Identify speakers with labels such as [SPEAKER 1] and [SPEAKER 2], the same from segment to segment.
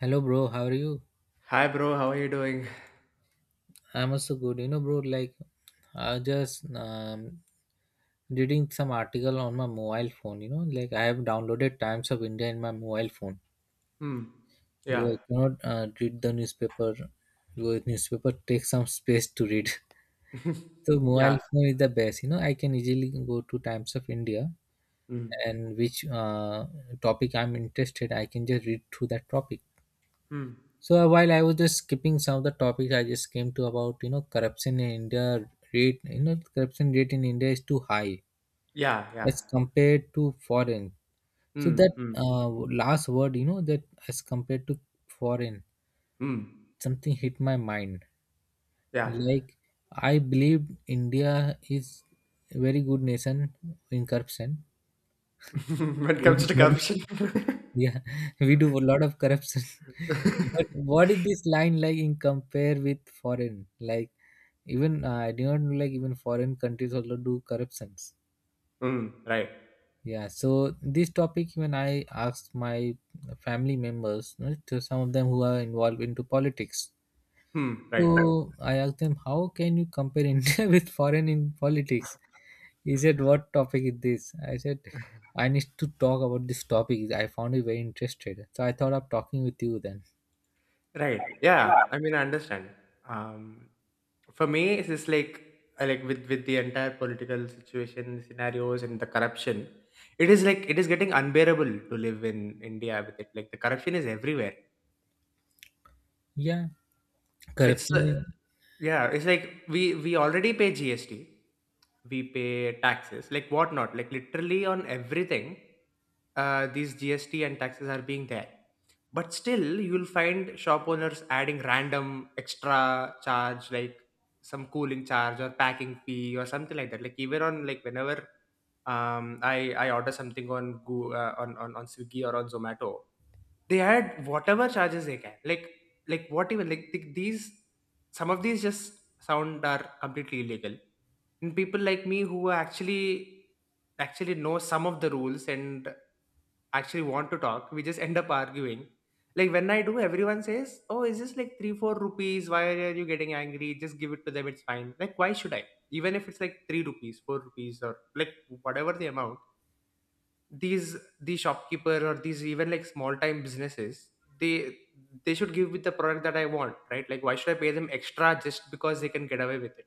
[SPEAKER 1] Hello, bro. How are you?
[SPEAKER 2] Hi, bro. How are you doing?
[SPEAKER 1] I'm also good. You know, bro, like I just reading some article on my mobile phone. I have downloaded Times of India in my mobile phone
[SPEAKER 2] Hmm. Yeah.
[SPEAKER 1] because I cannot read the newspaper. Because newspaper takes some space to read. So mobile
[SPEAKER 2] Yeah.
[SPEAKER 1] phone is the best. You know, I can easily go to Times of India
[SPEAKER 2] Hmm.
[SPEAKER 1] and which topic I'm interested, I can just read through that topic.
[SPEAKER 2] Hmm.
[SPEAKER 1] So while I was just skipping some of the topics, I just came to about corruption in India rate. You know corruption rate in India is too high
[SPEAKER 2] Yeah. Yeah.
[SPEAKER 1] as compared to foreign. So
[SPEAKER 2] Hmm.
[SPEAKER 1] that
[SPEAKER 2] Hmm.
[SPEAKER 1] Last word, that as compared to foreign,
[SPEAKER 2] Hmm.
[SPEAKER 1] something hit my mind.
[SPEAKER 2] Yeah.
[SPEAKER 1] Like, I believe India is a very good nation in corruption.
[SPEAKER 2] When it
[SPEAKER 1] We do
[SPEAKER 2] comes to
[SPEAKER 1] lot of,
[SPEAKER 2] corruption.
[SPEAKER 1] yeah, we do a lot of corruption. But what is this line like in compare with foreign? Like, even I do not know, like even foreign countries also do corruptions.
[SPEAKER 2] Hmm. Right.
[SPEAKER 1] Yeah, so this topic, even I asked my family members, you know, to some of them who are involved into politics.
[SPEAKER 2] Hmm.
[SPEAKER 1] So
[SPEAKER 2] Right.
[SPEAKER 1] I asked them, how can you compare India with foreign in politics? He said, what topic is this? I said, I need to talk about this topic. I found it very interested, so I thought of talking with you then.
[SPEAKER 2] Right. Yeah. I mean, I understand. Um, for me, it's just like I like with the entire political situation scenarios and the corruption. It is like it is getting unbearable to live in India with it. Like the corruption is everywhere.
[SPEAKER 1] Yeah,
[SPEAKER 2] It's
[SPEAKER 1] corruption is-
[SPEAKER 2] Yeah, it's like we already pay GST. We pay taxes, like whatnot, like literally on everything. These GST and taxes are being there, but still you'll find shop owners adding random extra charge, like some cooling charge or packing fee or something like that. Like even on, like, whenever I order something on Go, on Swiggy or on Zomato, they add whatever charges they can. Like what, even like these, some of these just sound are completely illegal, and people like me who actually know some of the rules and actually want to talk, we just end up arguing, like when I do, everyone says, oh, is this like 3 4 rupees, why are you getting angry, just give it to them, it's fine. Like, why should I, even if it's like 3 rupees 4 rupees or, like, whatever the amount, these shopkeeper or these even like small time businesses, they they should give me the product that I want, right? Like, why should I pay them extra just because they can get away with it?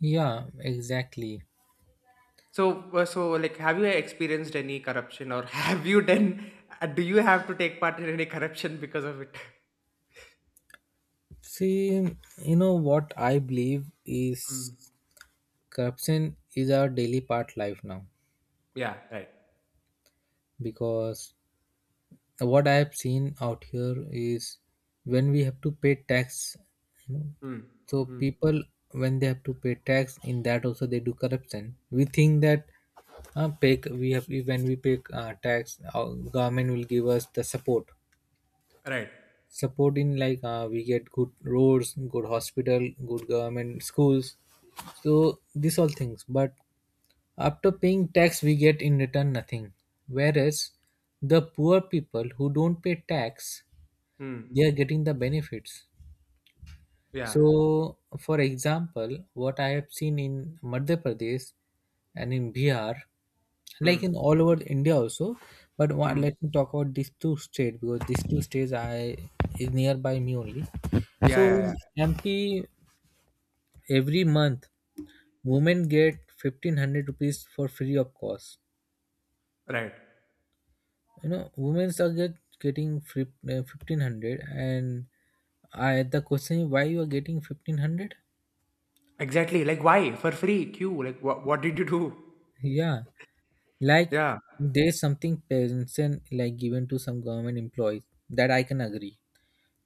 [SPEAKER 1] yeah, exactly.
[SPEAKER 2] So like, have you experienced any corruption, or have you done do you have to take part in any corruption because of it?
[SPEAKER 1] See, you know what I believe is
[SPEAKER 2] Mm.
[SPEAKER 1] corruption is our daily part life now,
[SPEAKER 2] Yeah, right.
[SPEAKER 1] because what I have seen out here is, when we have to pay tax, you know,
[SPEAKER 2] Mm.
[SPEAKER 1] so
[SPEAKER 2] Mm.
[SPEAKER 1] people, when they have to pay tax, in that also they do corruption. We think that, pay we have when we pay tax, our government will give us the support.
[SPEAKER 2] Right.
[SPEAKER 1] Support in like We get good roads, good hospital, good government schools, so these all things. But after paying tax we get in return nothing. Whereas the poor people who don't pay tax,
[SPEAKER 2] Mm.
[SPEAKER 1] they are getting the benefits.
[SPEAKER 2] Yeah.
[SPEAKER 1] So, for example, what I have seen in Madhya Pradesh and in Bihar, like
[SPEAKER 2] Mm.
[SPEAKER 1] in all over India also, but what,
[SPEAKER 2] Mm.
[SPEAKER 1] let me talk about these two states because these two states I is nearby me only. So
[SPEAKER 2] Yeah, yeah,
[SPEAKER 1] in MP, every month women get 1500 rupees for free of cost.
[SPEAKER 2] yeah, right,
[SPEAKER 1] You know women are getting 1500. And I the question is, why you are getting 1500?
[SPEAKER 2] exactly, like why for free q, like what did you do?
[SPEAKER 1] Yeah, like,
[SPEAKER 2] Yeah.
[SPEAKER 1] there's something pension like given to some government employees, that I can agree.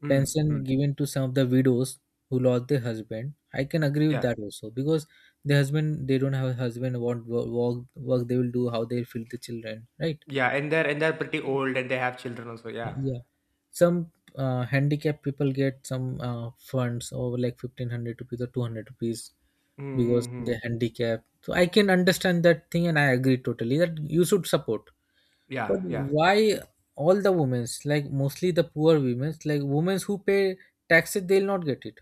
[SPEAKER 2] Mm.
[SPEAKER 1] Pension
[SPEAKER 2] Mm.
[SPEAKER 1] given to some of the widows who lost their husband, I can agree with
[SPEAKER 2] Yeah.
[SPEAKER 1] that also, because they don't have a husband, what work they will do, how they will feed the children, right?
[SPEAKER 2] Yeah, and they're pretty old and they have children also, yeah.
[SPEAKER 1] Yeah, some handicapped people get some funds over like 1500 rupees or 200 rupees, because
[SPEAKER 2] Mm.
[SPEAKER 1] they're
[SPEAKER 2] Hmm.
[SPEAKER 1] handicapped, so I can understand that thing and I agree totally that you should support.
[SPEAKER 2] Yeah,
[SPEAKER 1] But
[SPEAKER 2] yeah,
[SPEAKER 1] why all the women's, like mostly the poor women's, like women's who pay taxes, they'll not get it.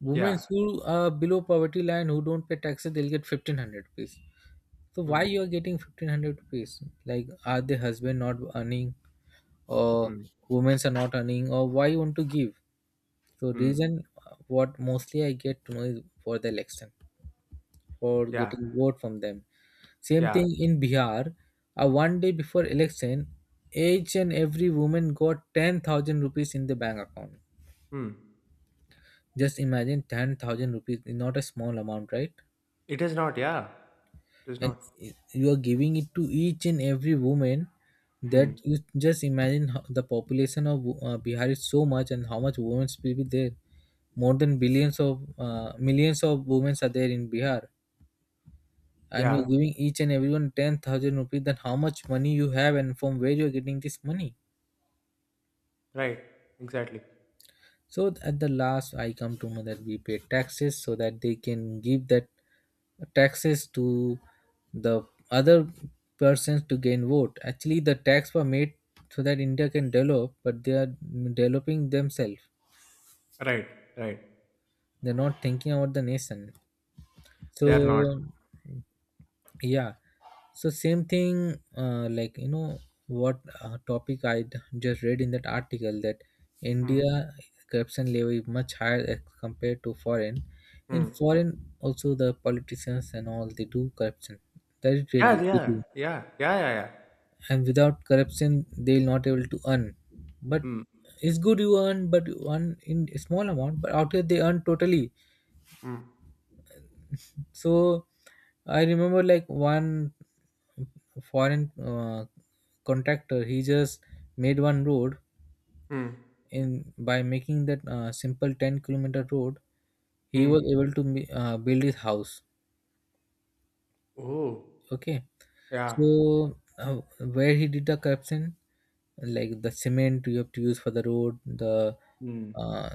[SPEAKER 1] Women
[SPEAKER 2] yeah.
[SPEAKER 1] who are below poverty line, who don't pay taxes, they'll get 1500 rupees. So why
[SPEAKER 2] Mm,
[SPEAKER 1] you are getting 1500 rupees? Like, are the husband not earning, or
[SPEAKER 2] mm,
[SPEAKER 1] women are not earning, or why you want to give? So
[SPEAKER 2] mm.
[SPEAKER 1] reason what mostly I get to know is for the election, for
[SPEAKER 2] Yeah,
[SPEAKER 1] getting vote from them. Same
[SPEAKER 2] yeah.
[SPEAKER 1] thing in Bihar. One day before election, each and every woman got 10,000 rupees in the bank account.
[SPEAKER 2] Mm.
[SPEAKER 1] Just imagine, 10,000 rupees is not a small amount, right?
[SPEAKER 2] It is not, yeah. It is
[SPEAKER 1] And
[SPEAKER 2] not.
[SPEAKER 1] i- you are giving it to each and every woman, that
[SPEAKER 2] Mm.
[SPEAKER 1] you, just imagine how the population of Bihar is so much, and how much women will be there. More than billions of millions of women are there in Bihar, and you're
[SPEAKER 2] Yeah,
[SPEAKER 1] giving each and everyone 10,000 rupees. Then how much money you have and from where you're getting this money?
[SPEAKER 2] right. Exactly.
[SPEAKER 1] So at the last I come to know that we pay taxes so that they can give that taxes to the other persons to gain vote. Actually the tax were made so that India can develop, but they are developing themselves.
[SPEAKER 2] Right, right.
[SPEAKER 1] They're not thinking about the nation.
[SPEAKER 2] They are not.
[SPEAKER 1] So yeah. So same thing, like you know what topic I just read in that article, that
[SPEAKER 2] Mm,
[SPEAKER 1] India corruption level is much higher as compared to foreign. In
[SPEAKER 2] mm.
[SPEAKER 1] foreign, also the politicians and all they do corruption. That is
[SPEAKER 2] Yeah,
[SPEAKER 1] really
[SPEAKER 2] they
[SPEAKER 1] they do,
[SPEAKER 2] are. Yeah, yeah, yeah, yeah.
[SPEAKER 1] and without corruption they will not able to earn. But
[SPEAKER 2] Mm,
[SPEAKER 1] it's good you earn, but you earn in a small amount. But out here they earn totally.
[SPEAKER 2] mm,
[SPEAKER 1] So I remember, like, one foreign uh, contractor, he just made one road
[SPEAKER 2] mm,
[SPEAKER 1] in, by making that simple 10-kilometer road, he was
[SPEAKER 2] mm.
[SPEAKER 1] able to build his house.
[SPEAKER 2] Oh,
[SPEAKER 1] Okay,
[SPEAKER 2] yeah.
[SPEAKER 1] so uh, where he did the corruption, like, the cement you have to use for the road, the
[SPEAKER 2] Mm,
[SPEAKER 1] uh,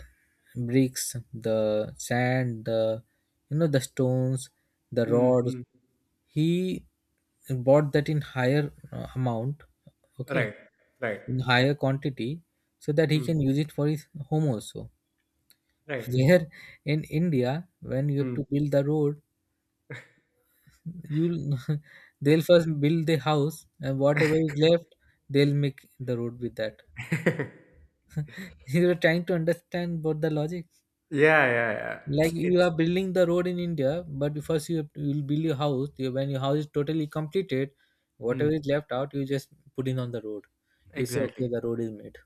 [SPEAKER 1] bricks, the sand, the, you know, the stones, the
[SPEAKER 2] mm,
[SPEAKER 1] rods,
[SPEAKER 2] mm.
[SPEAKER 1] he bought that in higher amount, okay,
[SPEAKER 2] Right, right.
[SPEAKER 1] in higher quantity, so that he
[SPEAKER 2] Mm,
[SPEAKER 1] can use it for his home also.
[SPEAKER 2] right.
[SPEAKER 1] Where in India, when you have
[SPEAKER 2] Mm.
[SPEAKER 1] to build the road, you'll they'll first build the house, and whatever is left, they'll make the road with that. You are trying to understand what the logic.
[SPEAKER 2] Yeah, yeah, yeah.
[SPEAKER 1] Like, you
[SPEAKER 2] It's
[SPEAKER 1] are building the road in India, but first you have to- you'll build your house. You- when your house is totally completed, whatever
[SPEAKER 2] hmm,
[SPEAKER 1] is left out you just put in on the road. You say,
[SPEAKER 2] exactly.
[SPEAKER 1] okay, the road is made.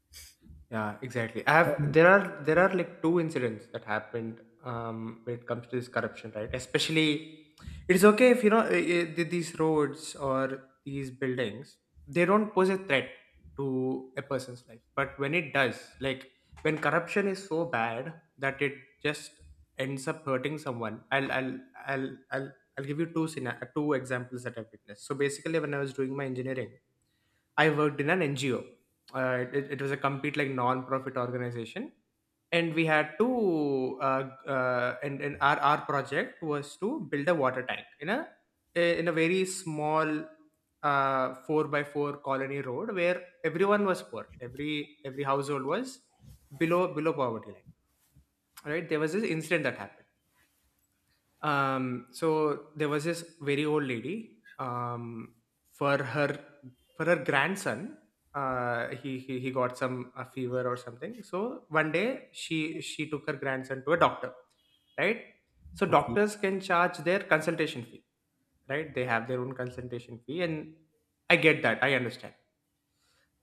[SPEAKER 2] Yeah, exactly. I have
[SPEAKER 1] Um,
[SPEAKER 2] there are like two incidents that happened, when it comes to this corruption, right? Especially, it's okay if, you know, these roads or these buildings, they don't pose a threat to a person's life. But when it does, like when corruption is so bad that it just ends up hurting someone, I'll I'll I'll give you two examples that I've witnessed. So basically, when I was doing my engineering, I worked in an NGO. It was a complete, like, non-profit organization, and we had to and our project was to build a water tank in a very small, four by four colony road where everyone was poor. Every household was below poverty line. Right? There was this incident that happened, um so there was this very old lady, um for her for her grandson, he got some a fever or something, so one day she took her grandson to a doctor, right? So
[SPEAKER 1] okay.
[SPEAKER 2] doctors can charge their consultation fee, right? They have their own consultation fee, and I get that, I understand.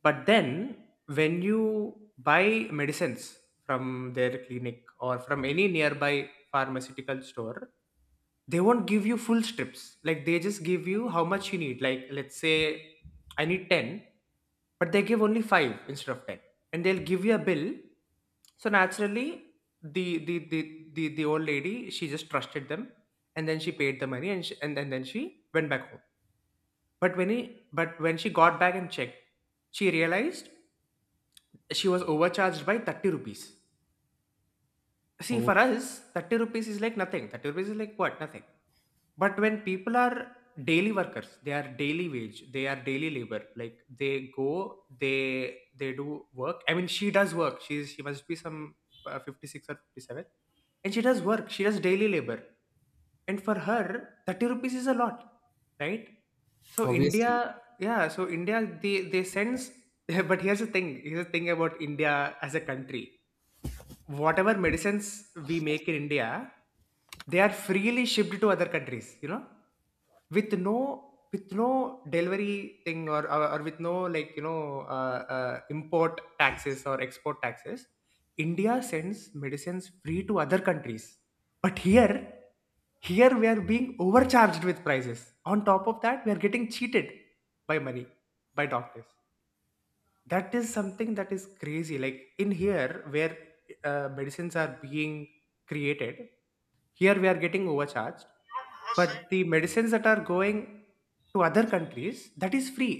[SPEAKER 2] But then, when you buy medicines from their clinic or from any nearby pharmaceutical store, they won't give you full strips, like they just give you how much you need. Like, let's say I need 10, but they give only 5 instead of 10, and they'll give you a bill. So naturally, the the the the old lady, she just trusted them, and then she paid the money, and then she went back home. But when he but when she got back and checked, she realized she was overcharged by 30 rupees. See, for
[SPEAKER 1] Oh,
[SPEAKER 2] us, 30 rupees is like nothing. 30 rupees is like what? Nothing. But when people are daily workers, they are daily wage, they are daily labor. Like they go, they do work. I mean, she does work. She must be some, 56 or 57, and she does work. She does daily labor, and for her, 30 rupees is a lot, right? So
[SPEAKER 1] obviously.
[SPEAKER 2] India, yeah. So India, they sense. But here's the thing. Here's the thing about India as a country. Whatever medicines we make in India, they are freely shipped to other countries, you know, with no delivery thing, or with no, like, import taxes or export taxes. India sends medicines free to other countries, but here we are being overcharged with prices. On top of that, we are getting cheated by money, by doctors. That is something that is crazy, like in here where medicines are being created, here we are getting overcharged, but the medicines that are going to other countries, that is free.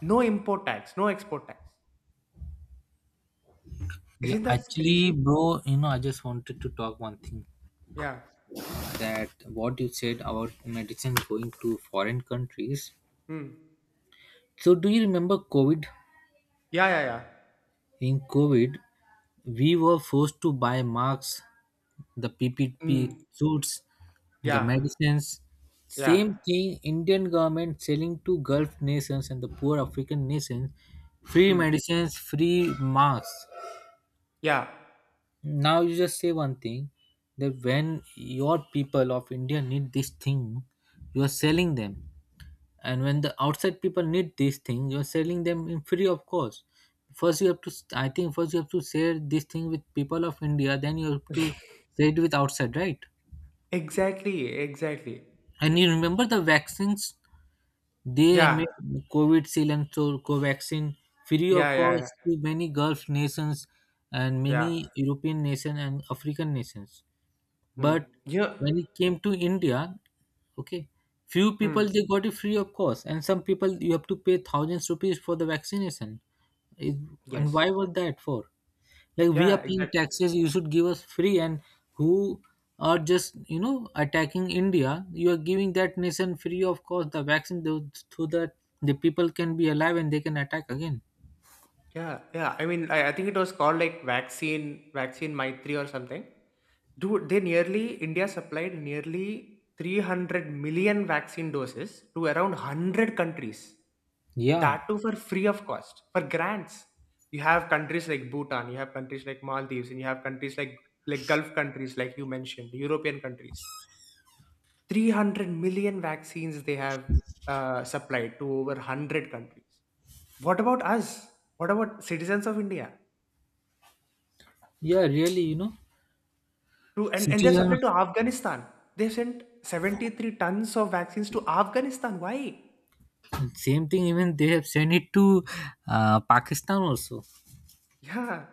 [SPEAKER 2] No import tax, no export tax.
[SPEAKER 1] Yeah,
[SPEAKER 2] Isn't that
[SPEAKER 1] actually,
[SPEAKER 2] crazy?
[SPEAKER 1] bro, you know, I just wanted to talk one thing,
[SPEAKER 2] Yeah.
[SPEAKER 1] that what you said about medicine going to foreign countries.
[SPEAKER 2] Mm.
[SPEAKER 1] So, do you remember COVID?
[SPEAKER 2] Yeah, yeah, yeah.
[SPEAKER 1] In COVID, we were forced to buy masks, the PPP
[SPEAKER 2] Mm.
[SPEAKER 1] suits, the
[SPEAKER 2] Yeah,
[SPEAKER 1] medicines.
[SPEAKER 2] yeah.
[SPEAKER 1] Same thing, Indian government selling to Gulf nations and the poor African nations free
[SPEAKER 2] Mm.
[SPEAKER 1] medicines, free masks.
[SPEAKER 2] Yeah,
[SPEAKER 1] Now you just say one thing, that when your people of India need this thing, you are selling them, and when the outside people need this thing, you are selling them in free of course. First you have to, I think first you have to share this thing with people of India, then you have to share it with outside, right?
[SPEAKER 2] exactly, exactly,
[SPEAKER 1] And you remember the vaccines they
[SPEAKER 2] yeah,
[SPEAKER 1] made, Covid Seal and so Covaxin, free of
[SPEAKER 2] yeah, yeah,
[SPEAKER 1] course
[SPEAKER 2] yeah,
[SPEAKER 1] to many Gulf nations and many
[SPEAKER 2] yeah.
[SPEAKER 1] European nations and African nations.
[SPEAKER 2] Mm.
[SPEAKER 1] But
[SPEAKER 2] Yeah.
[SPEAKER 1] when it came to India, okay, few people
[SPEAKER 2] Mm.
[SPEAKER 1] they got it free of course, and some people you have to pay thousands rupees for the vaccination. It, and
[SPEAKER 2] Yes,
[SPEAKER 1] why was that for? Like, we
[SPEAKER 2] yeah,
[SPEAKER 1] are paying
[SPEAKER 2] exactly.
[SPEAKER 1] taxes, you should give us free. And who are just you know attacking India? You are giving that nation free of course the vaccine so that the people can be alive and they can attack again.
[SPEAKER 2] Yeah, yeah. I mean, I think it was called like vaccine Maitri or something. Dude, they nearly India supplied nearly 300 million vaccine doses to around 100 countries.
[SPEAKER 1] Yeah,
[SPEAKER 2] That too for free of cost, for grants. You have countries like Bhutan, you have countries like Maldives, and you have countries like Gulf countries, like you mentioned, European countries. 300 million vaccines they have supplied to over 100 countries. What about us? What about citizens of India?
[SPEAKER 1] yeah, really, you know,
[SPEAKER 2] And they've
[SPEAKER 1] citizen.
[SPEAKER 2] supplied to Afghanistan. They've sent 73 tons of vaccines to Afghanistan. Why?
[SPEAKER 1] Same thing. Even they have sent it to Pakistan also.
[SPEAKER 2] Yeah,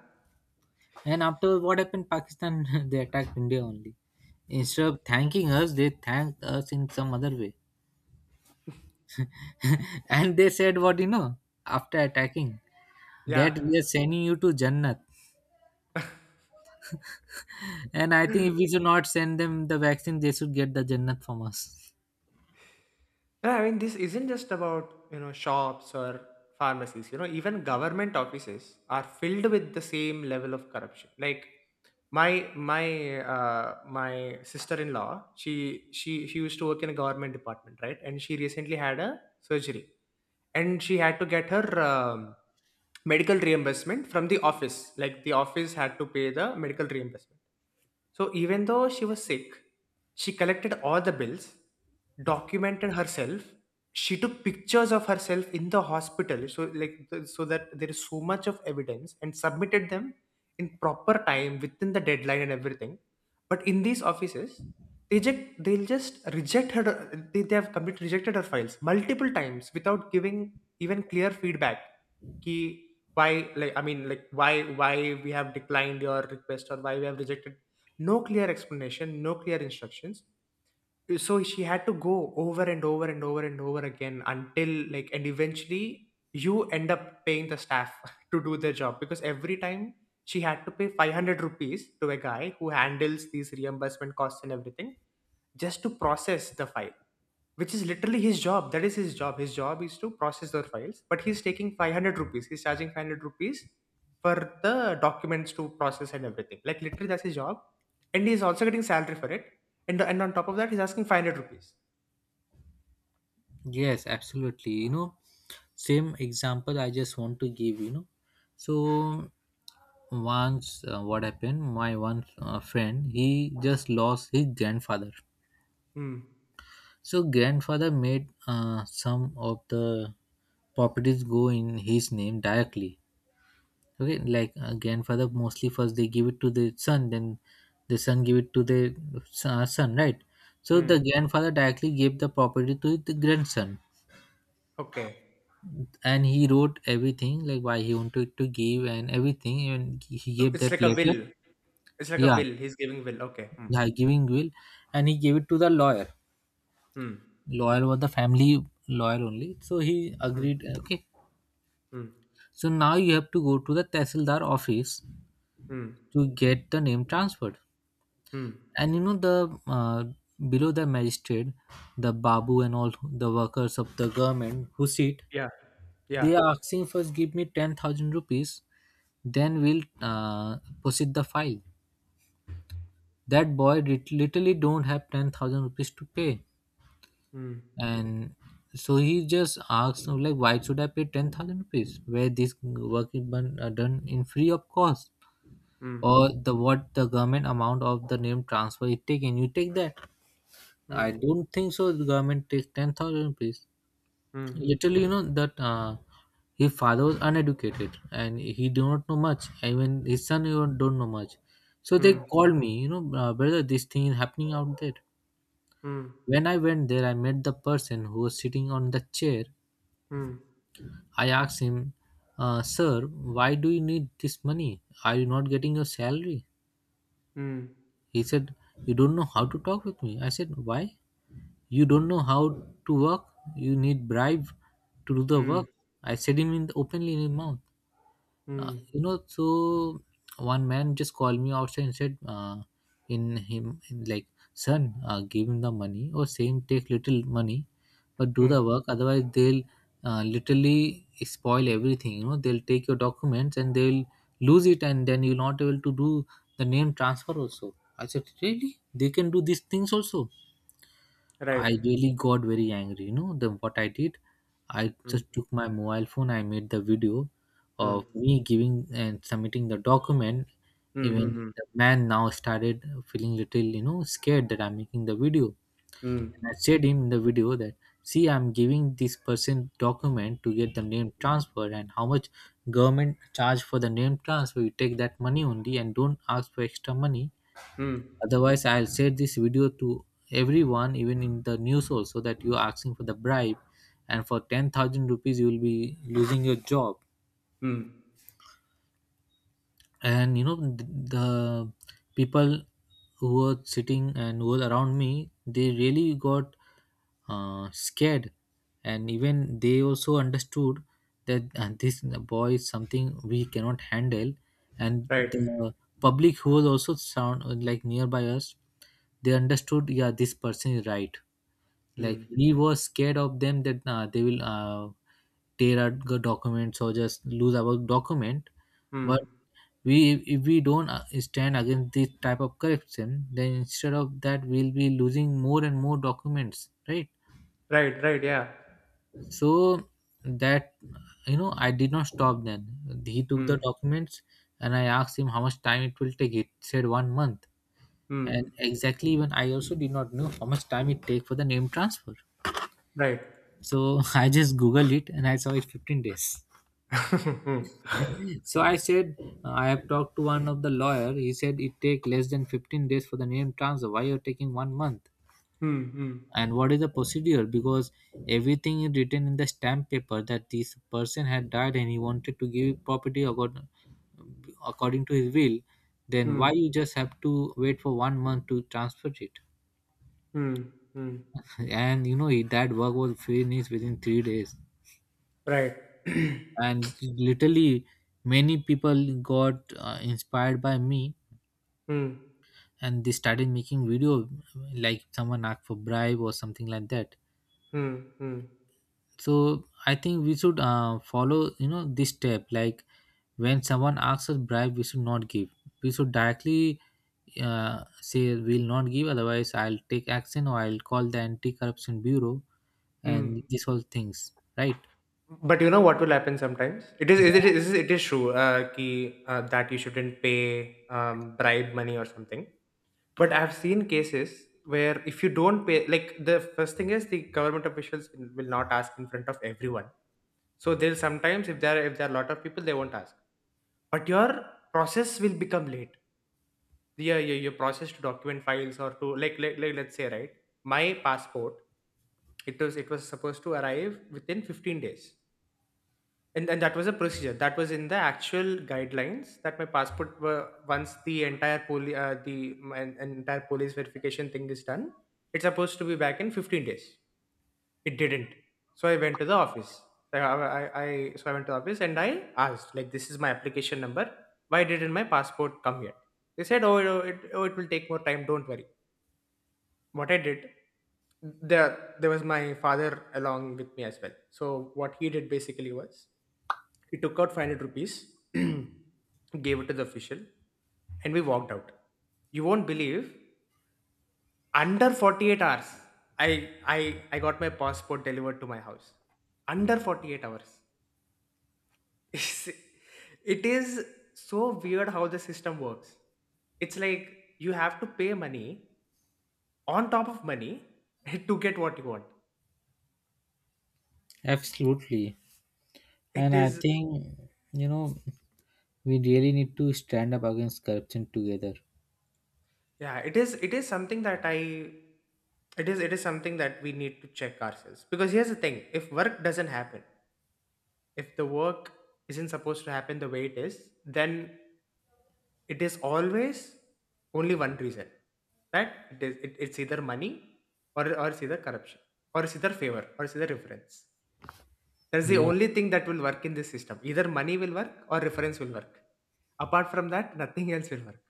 [SPEAKER 1] And after what happened, Pakistan they attacked India only. Instead of thanking us, they thanked us in some other way. And they said, what, you know, after attacking,
[SPEAKER 2] yeah.
[SPEAKER 1] that we are sending you to Jannat. And I think if we should not send them the vaccine, they should get the Jannat from us.
[SPEAKER 2] Yeah, I mean, this isn't just about, you know, shops or pharmacies. You know, even government offices are filled with the same level of corruption. Like my sister-in-law, she used to work in a government department, right? And she recently had a surgery, and she had to get her, medical reimbursement from the office, like the office had to pay the medical reimbursement. So even though she was sick, she collected all the bills, documented herself, she took pictures of herself in the hospital, so that there is so much of evidence, and submitted them in proper time, within the deadline and everything. But in these offices, they'll just reject her. They have completely rejected her files multiple times without giving even clear feedback, ki why, like, I mean, like, why we have declined your request, or why we have rejected. No clear explanation, no clear instructions. So she had to go over and over and over and over again, until, like, and eventually, you end up paying the staff to do their job, because every time she had to pay 500 rupees to a guy who handles these reimbursement costs and everything, just to process the file, which is literally his job. That is his job. His job is to process the files, but he's taking 500 rupees. He's charging 500 rupees for the documents to process and everything. Like, literally, that's his job, and he's also getting salary for it. And on top of that, he's asking 500 rupees.
[SPEAKER 1] Yes, absolutely. You know, same example I just want to give. You know, so once, what happened? My one friend, he just lost his grandfather.
[SPEAKER 2] Hmm.
[SPEAKER 1] So grandfather made some of the properties go in his name directly. Okay, like, grandfather mostly first they give it to the son, then the son give it to the son, right? So the
[SPEAKER 2] Hmm.
[SPEAKER 1] grandfather directly gave the property to the grandson,
[SPEAKER 2] Okay.
[SPEAKER 1] and he wrote everything, like why he wanted to give and everything, and he
[SPEAKER 2] Oh,
[SPEAKER 1] gave
[SPEAKER 2] it's
[SPEAKER 1] that
[SPEAKER 2] like a
[SPEAKER 1] letter.
[SPEAKER 2] will. It's like a
[SPEAKER 1] Yeah,
[SPEAKER 2] will. He's giving will. Okay. Hmm.
[SPEAKER 1] yeah, giving will, and he gave it to the lawyer.
[SPEAKER 2] Hmm.
[SPEAKER 1] Lawyer was the family lawyer only, so he
[SPEAKER 2] Hmm.
[SPEAKER 1] agreed. Okay.
[SPEAKER 2] Hmm.
[SPEAKER 1] So now you have to go to the Tehsildar office
[SPEAKER 2] Hmm.
[SPEAKER 1] to get the name transferred.
[SPEAKER 2] Hmm.
[SPEAKER 1] And you know the below the magistrate, the babu and all the workers of the government who sit,
[SPEAKER 2] Yeah. Yeah.
[SPEAKER 1] they are asking, first give me 10,000 rupees, then we'll proceed the file. That boy literally don't have 10,000 rupees to pay,
[SPEAKER 2] Hmm.
[SPEAKER 1] and so he just asks like, why should I pay 10,000 rupees where this work is done done in free of cost?
[SPEAKER 2] Hmm.
[SPEAKER 1] Or the what the government amount of the name transfer it taken? You take that. I
[SPEAKER 2] Hmm.
[SPEAKER 1] don't think so the government takes 10,000 rupees.
[SPEAKER 2] Hmm.
[SPEAKER 1] Literally you know that his father was uneducated and he do not know much, even his son even don't know much. So they
[SPEAKER 2] Hmm.
[SPEAKER 1] called me, you know, brother, this thing is happening out there.
[SPEAKER 2] Hmm.
[SPEAKER 1] When I went there, I met the person who was sitting on the chair.
[SPEAKER 2] Hmm.
[SPEAKER 1] I asked him, sir, why do you need this money? Are you not getting your salary?
[SPEAKER 2] Hmm.
[SPEAKER 1] He said, you don't know how to talk with me. I said, why? You don't know how to work. You need bribe to do the
[SPEAKER 2] Hmm.
[SPEAKER 1] work. I said him in openly in his mouth. Uh,
[SPEAKER 2] హ్మ్.
[SPEAKER 1] you know, so one man just called me outside and said, in him, in like, son, give him the money or same take little money, but do
[SPEAKER 2] హ్మ్.
[SPEAKER 1] the work. Otherwise, they'll literally spoil everything. You know, they'll take your documents and they'll lose it, and then you're not able to do the name transfer also. I said, really? They can do these things also.
[SPEAKER 2] Right.
[SPEAKER 1] I really got very angry. You know, the what I did, I
[SPEAKER 2] హ్మ్.
[SPEAKER 1] just took my mobile phone. I made the video
[SPEAKER 2] హ్మ్.
[SPEAKER 1] of me giving and submitting the document.
[SPEAKER 2] హ్మ్.
[SPEAKER 1] Even
[SPEAKER 2] హ్మ్. హ్మ్.
[SPEAKER 1] the man now started feeling little, you know, scared that I'm making the video.
[SPEAKER 2] హ్మ్.
[SPEAKER 1] And I said him in the video that, see, I'm giving this person document to get the name transfer and how much government charge for the name transfer. You take that money only and don't ask for extra money.
[SPEAKER 2] హ్మ్.
[SPEAKER 1] Otherwise, I'll share this video to everyone, even in the news also, that you are asking for the bribe, and for 10,000 rupees, you will be losing your job.
[SPEAKER 2] హ్మ్.
[SPEAKER 1] And the people who were sitting and who were around me, they really got scared, and even they also understood that this boy is something we cannot handle. And
[SPEAKER 2] right.
[SPEAKER 1] the public who was also sound like nearby us, they understood, yeah, this person is right.
[SPEAKER 2] హ్మ్.
[SPEAKER 1] Like, we were scared of them that they will tear our documents or just lose our document.
[SPEAKER 2] Right.
[SPEAKER 1] But we, if we don't stand against this type of corruption, then instead of that we'll be losing more and more documents, right?
[SPEAKER 2] Right. Right. Yeah!
[SPEAKER 1] So that, you know, I did not stop. Then he took
[SPEAKER 2] హ్మ్.
[SPEAKER 1] the documents and I asked him how much time it will take. It said 1 month.
[SPEAKER 2] హ్మ్.
[SPEAKER 1] And exactly, even I also did not know how much time it take for the name transfer.
[SPEAKER 2] Right.
[SPEAKER 1] So I just googled it and I saw it 15 days.
[SPEAKER 2] హ్మ్.
[SPEAKER 1] So I said, I have talked to one of the lawyer. He said it take less than 15 days for the name transfer. Why you're taking 1 month?
[SPEAKER 2] హ్మ్. హ్మ్.
[SPEAKER 1] And what is the procedure? Because everything is written in the stamp paper that this person had died and he wanted to give property according to his will. Then
[SPEAKER 2] హ్మ్.
[SPEAKER 1] why you just have to wait for 1 month to transfer it?
[SPEAKER 2] హ్మ్. హ్మ్.
[SPEAKER 1] And you know that work was finished within 3 days.
[SPEAKER 2] Right.
[SPEAKER 1] And literally many people got inspired by me,
[SPEAKER 2] హ్మ్. హ్మ్.
[SPEAKER 1] and they started making video like someone asked for bribe or something like that. So I think we should follow, you know, this step, like when someone asks us bribe we should not give. We should directly say we'll not give, otherwise I'll take action or I'll call the anti-corruption bureau and these all things, right?
[SPEAKER 2] But you know what will happen sometimes? It is it is it
[SPEAKER 1] Yeah,
[SPEAKER 2] is it is true, कि that you shouldn't pay, bribe money or something. But I have seen cases where if you don't pay, like, the first thing is the government officials will not ask in front of everyone. So they'll sometimes, if there are a lot of people, they won't ask. But your process will become late. Your process to document files or to like let's say, right, my passport, it was supposed to arrive within 15 days, and that was a procedure that was in the actual guidelines, that my passport were once the entire poli the my entire police verification thing is done, it's supposed to be back in 15 days. It didn't. So I went to the office. So I, I, I so I went to the office and I asked, like, this is my application number, why didn't my passport come yet? They said, oh, it will take more time, don't worry. What I did, there was my father along with me as well. So what he did basically was, he took out 500 rupees, gave it to the official, and we walked out. You won't believe, under 48 hours I got my passport delivered to my house. Under 48 hours. It is so weird how the system works. It's like you have to pay money on top of money to get what you want.
[SPEAKER 1] absolutely.
[SPEAKER 2] It
[SPEAKER 1] And I
[SPEAKER 2] is.
[SPEAKER 1] think, you know, we really need to stand up against corruption together.
[SPEAKER 2] Yeah, it is something that I it is something that we need to check ourselves, because here's the thing, if work doesn't happen, if the work isn't supposed to happen the way it is, then it is always only one reason. Right, it's either money, or it's either corruption, or it's either favor, or it's either reference. That's the
[SPEAKER 1] Yeah,
[SPEAKER 2] only thing that will work in this system. Either money will work or reference will work. Apart from that, nothing else will work.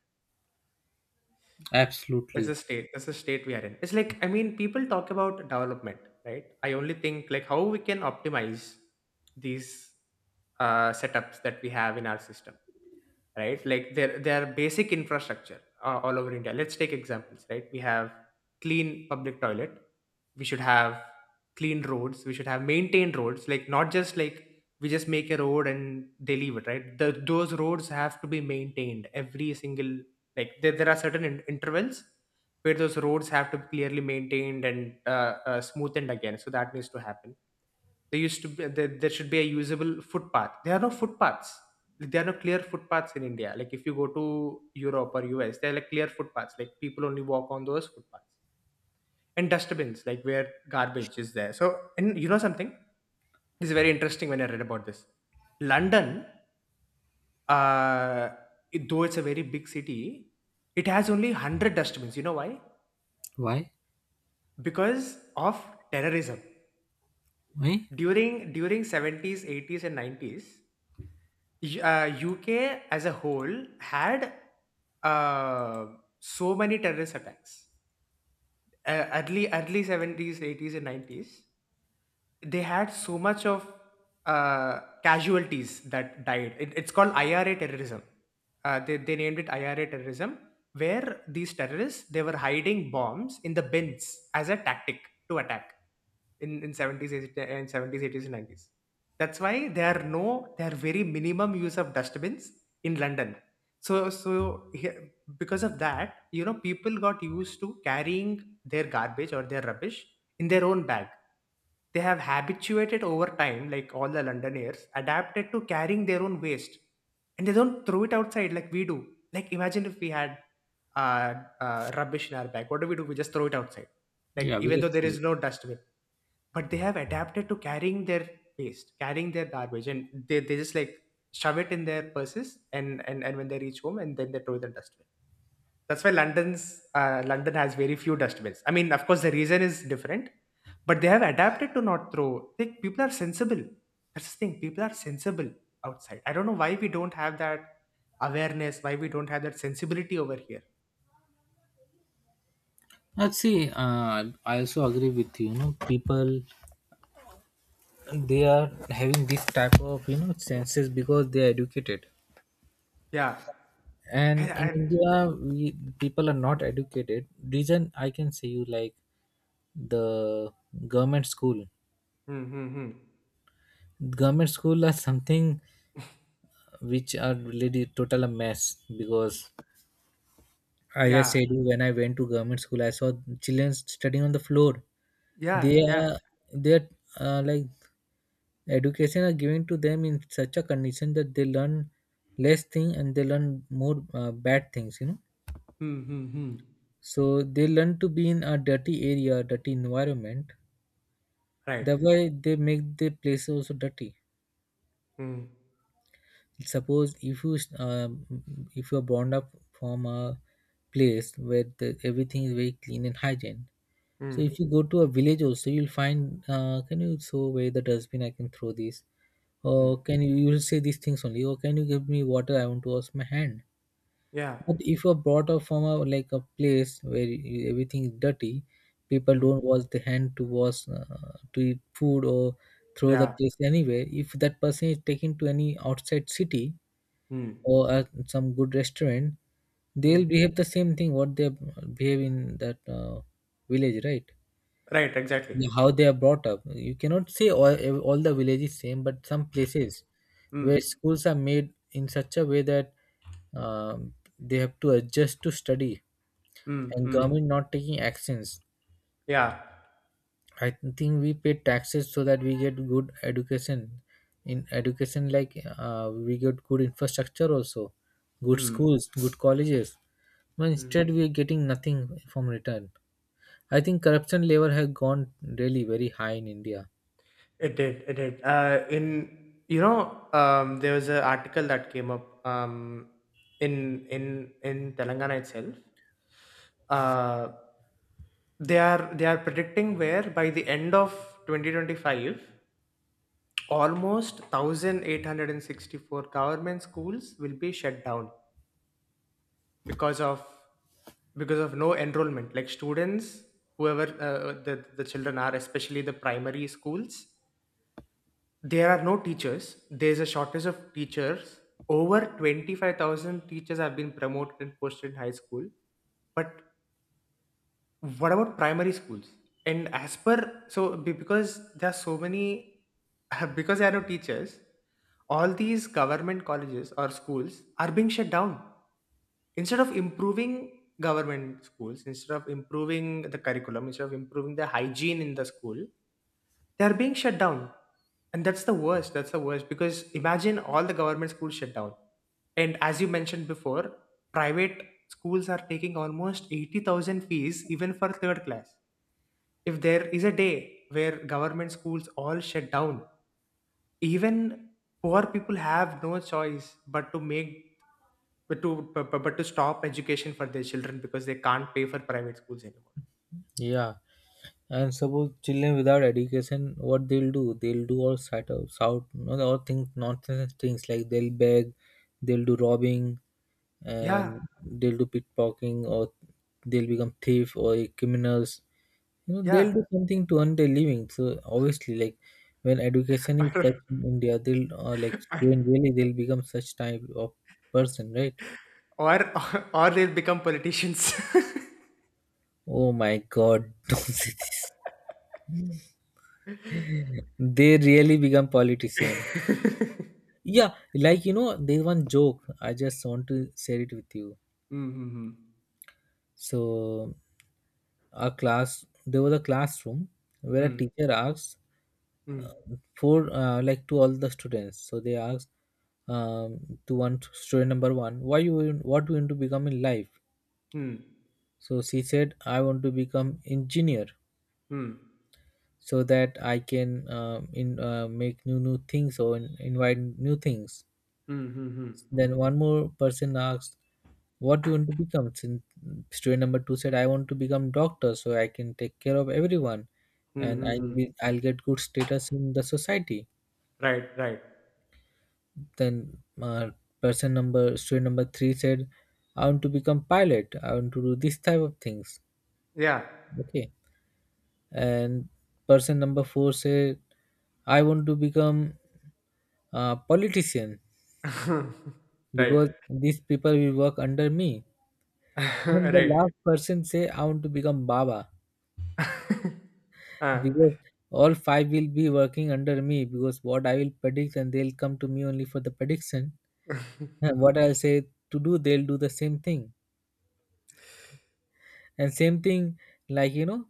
[SPEAKER 2] That's a
[SPEAKER 1] absolutely.
[SPEAKER 2] state. That's the state we are in. It's like, I mean, people talk about development, right? I only think like how we can optimize these setups that we have in our system, right? Like their basic infrastructure all over India. Let's take examples, right? We have clean public toilet. We should have clean roads. We should have maintained roads. Like, not just like we just make a road and they leave it, right? Those roads have to be maintained every single, like, there are certain intervals where those roads have to be clearly maintained and smoothened again. So that needs to happen. There should be a usable footpath. There are no footpaths. Like, there are no clear footpaths in India. Like, if you go to Europe or US, there are like clear footpaths. Like, people only walk on those footpaths and dustbins, like, where garbage is there. So, and you know something, this is very interesting when I read about this. London, uh, though it's a very big city, it has only 100 dustbins. You know why?
[SPEAKER 1] Why?
[SPEAKER 2] Because of terrorism.
[SPEAKER 1] Why?
[SPEAKER 2] During 70s, 80s and 90s, UK as a whole had uh, so many terrorist attacks, early 70s, 80s and 90s. They had so much of casualties that died. It's called IRA terrorism. They named it IRA terrorism, where these terrorists, they were hiding bombs in the bins as a tactic to attack in 70s, 80s, and 90s. That's why there are no there are very minimum use of dustbins in London. So here, because of that, you know, people got used to carrying their garbage or their rubbish in their own bag. They have habituated over time, like all the Londoners adapted to carrying their own waste, and they don't throw it outside like we do. Like, imagine if we had uh, rubbish in our bag. What do? We just throw it outside, like
[SPEAKER 1] Yeah, we
[SPEAKER 2] even though
[SPEAKER 1] just
[SPEAKER 2] there
[SPEAKER 1] see.
[SPEAKER 2] is no dustbin. But they have adapted to carrying their waste, carrying their garbage, and they just like shove it in their purses, and, and when they reach home, and then they throw it in the dustbin. That's why London has very few dustbins. I mean, of course, the reason is different, but they have adapted to not throw. Like, people are sensible. That's the thing. People are sensible outside. I don't know why we don't have that awareness. Why we don't have that sensibility over here.
[SPEAKER 1] Let's see. I also agree with you. You know, people, they are having this type of you know senses because they are educated.
[SPEAKER 2] Yeah. And
[SPEAKER 1] And in
[SPEAKER 2] I,
[SPEAKER 1] India, we people are not educated. Reason I can say you, like, the government school.
[SPEAKER 2] hmm, hmm, hmm.
[SPEAKER 1] Government school are something which are really total a mess because I just
[SPEAKER 2] Yeah.
[SPEAKER 1] said you when I went to government school, I saw children studying on the floor.
[SPEAKER 2] Yeah.
[SPEAKER 1] They
[SPEAKER 2] Yeah.
[SPEAKER 1] are they are like education are given to them in such a condition that they learn less thing and they learn more bad things. You know,
[SPEAKER 2] Hmm, hmm, hmm.
[SPEAKER 1] so they learn to be in a dirty area, dirty environment.
[SPEAKER 2] Right.
[SPEAKER 1] That way, they make the place also dirty.
[SPEAKER 2] Hmm,
[SPEAKER 1] Suppose if you are born up from a place where the, everything is very clean and hygiene. So
[SPEAKER 2] hmm,
[SPEAKER 1] if you go to a village also, you'll find. Can you show where the dustbin I can throw this?
[SPEAKER 2] hmm.
[SPEAKER 1] Or can you, you will say these things only? Or can you give me water? I want to wash my hand.
[SPEAKER 2] Yeah.
[SPEAKER 1] But if you're brought up from a like a place where you, everything is dirty, people
[SPEAKER 2] Hmm.
[SPEAKER 1] don't wash the hand to wash to eat food or throw the
[SPEAKER 2] Yeah.
[SPEAKER 1] place anywhere. If that person is taken to any outside city
[SPEAKER 2] Hmm.
[SPEAKER 1] or some good restaurant,
[SPEAKER 2] Hmm.
[SPEAKER 1] they'll behave the same thing what they behave in that village, right?
[SPEAKER 2] Right. Exactly.
[SPEAKER 1] Yeah, how they are brought up. You cannot say all the villages same, but some places
[SPEAKER 2] Hmm.
[SPEAKER 1] where schools are made in such a way that they have to adjust to study
[SPEAKER 2] Hmm.
[SPEAKER 1] and
[SPEAKER 2] Hmm.
[SPEAKER 1] government not taking actions.
[SPEAKER 2] Yeah.
[SPEAKER 1] I think we pay taxes so that we get good education. In education, like we get good infrastructure also, good
[SPEAKER 2] Hmm.
[SPEAKER 1] schools, good colleges. But
[SPEAKER 2] Hmm.
[SPEAKER 1] instead, we are getting nothing from return. I think corruption level has gone really very high in India.
[SPEAKER 2] It did. It did. There was an article that came up in Telangana itself. Uh, they are predicting where by the end of 2025, almost 1,864 government schools will be shut down, because of because of no enrollment. Like, students, whoever, the children are, especially the primary schools. There are no teachers. There's a shortage of teachers. Over 25,000 teachers have been promoted and posted in high school. But what about primary schools? And as per, so because there are so many, because there are no teachers, all these government colleges or schools are being shut down. Instead of improving government schools, instead of improving the curriculum, instead of improving the hygiene in the school, they are being shut down, and that's the worst, because imagine all the government schools shut down, and as you mentioned before, private schools are taking almost 80,000 fees even for third class. If there is a day where government schools all shut down, even poor people have no choice but to make but to but, but to stop education for their children, because they can't pay for private schools anymore.
[SPEAKER 1] Yeah. And suppose children without education, what they'll do? They'll do all sort of shout, no, all things nonsense things like they'll beg, they'll do robbing,
[SPEAKER 2] Yeah.
[SPEAKER 1] and they'll do pickpocketing, or they'll become thief or criminals. You know,
[SPEAKER 2] Yeah.
[SPEAKER 1] they'll do something to earn their living. So obviously, like when education is such in India, they'll like student really they'll become such type of person, right?
[SPEAKER 2] Or or they'll become politicians.
[SPEAKER 1] Oh my God, don't say this. They really become politician. Yeah, like, you know, there's one joke I just want to share it with you.
[SPEAKER 2] Mm-hmm.
[SPEAKER 1] So, a class there was a classroom where a
[SPEAKER 2] Mm.
[SPEAKER 1] teacher asked
[SPEAKER 2] Mm.
[SPEAKER 1] uh, for like to all the students. So they asked um, to one student number one, why you want- what you want to become in life?
[SPEAKER 2] Mm.
[SPEAKER 1] So she said, I want to become engineer
[SPEAKER 2] Mm.
[SPEAKER 1] so that I can in make new things or invite new things.
[SPEAKER 2] Mm. Mm. Mm. Mm.
[SPEAKER 1] Then one more person asked, "What do you want to become?" Since student number two said, "I want to become doctor, so I can take care of everyone,
[SPEAKER 2] Mm.
[SPEAKER 1] and
[SPEAKER 2] Mm.
[SPEAKER 1] I'll get good status in the society."
[SPEAKER 2] Right, right.
[SPEAKER 1] Then person number student number three said, "I want to become pilot. I want to do this type of things."
[SPEAKER 2] Yeah.
[SPEAKER 1] Okay, and person number four said, "I want to become a politician
[SPEAKER 2] Right.
[SPEAKER 1] because these people will work under me." And the
[SPEAKER 2] Right.
[SPEAKER 1] last person say I want to become Baba
[SPEAKER 2] Uh,
[SPEAKER 1] because all five will be working under me because what I will predict and they'll come to me only for the prediction. And what I'll say to do, they'll do the same thing. And same thing, like, you know,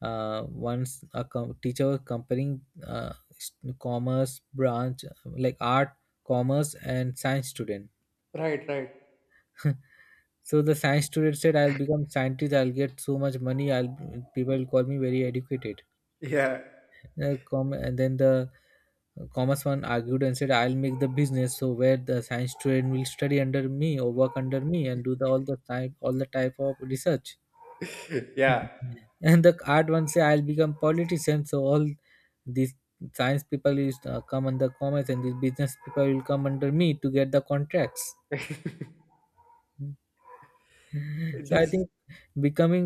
[SPEAKER 1] once a teacher was comparing commerce branch like art, commerce, and science student.
[SPEAKER 2] right, right.
[SPEAKER 1] So the science student said, "I'll become scientist. I'll get so much money. I'll people will call me very educated."
[SPEAKER 2] Yeah.
[SPEAKER 1] And then the commerce one argued and said I'll make the business so where the science student will study under me or work under me and do the all the type of research.
[SPEAKER 2] Yeah.
[SPEAKER 1] And the art one say I'll become politician so all these science people is come under commerce and these business people will come under me to get the contracts. So I
[SPEAKER 2] This.
[SPEAKER 1] think becoming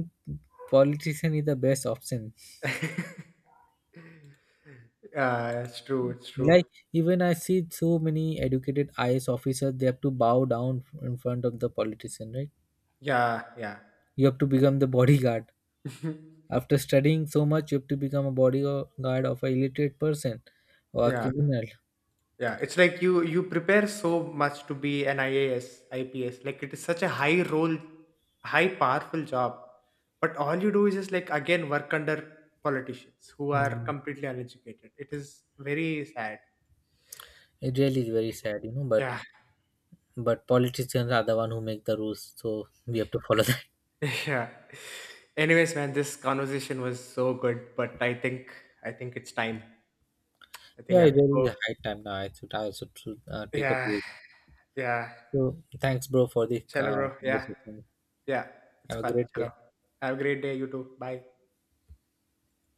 [SPEAKER 1] politician is the best option.
[SPEAKER 2] Yeah, it's true, it's true.
[SPEAKER 1] Like, even I see so many educated IAS officers, they have to bow down in front of the politician, right?
[SPEAKER 2] Yeah, yeah.
[SPEAKER 1] You have to become the bodyguard. After studying so much, you have to become a bodyguard of a illiterate person or a
[SPEAKER 2] Yeah.
[SPEAKER 1] criminal.
[SPEAKER 2] Yeah, it's like you prepare so much to be an IAS, IPS. Like, it is such a high role, high powerful job. But all you do is just like again work under politicians who are
[SPEAKER 1] Mm.
[SPEAKER 2] completely uneducated. It is very sad.
[SPEAKER 1] It really is very sad, you know.
[SPEAKER 2] Yeah.
[SPEAKER 1] But politicians are the one who make the rules, so we have to follow that.
[SPEAKER 2] Yeah. Anyways, man, this conversation was so good, but I think, I think it's time. I think we
[SPEAKER 1] Yeah, it
[SPEAKER 2] have to
[SPEAKER 1] really is
[SPEAKER 2] go.
[SPEAKER 1] a high time now. I should take a
[SPEAKER 2] Yeah.
[SPEAKER 1] break.
[SPEAKER 2] Yeah.
[SPEAKER 1] So thanks, bro, for the
[SPEAKER 2] Chalo, bro. Yeah.
[SPEAKER 1] conversation.
[SPEAKER 2] Yeah. It's
[SPEAKER 1] Have a
[SPEAKER 2] fun.
[SPEAKER 1] great
[SPEAKER 2] Chalo.
[SPEAKER 1] day.
[SPEAKER 2] Have a great day, you too. Bye.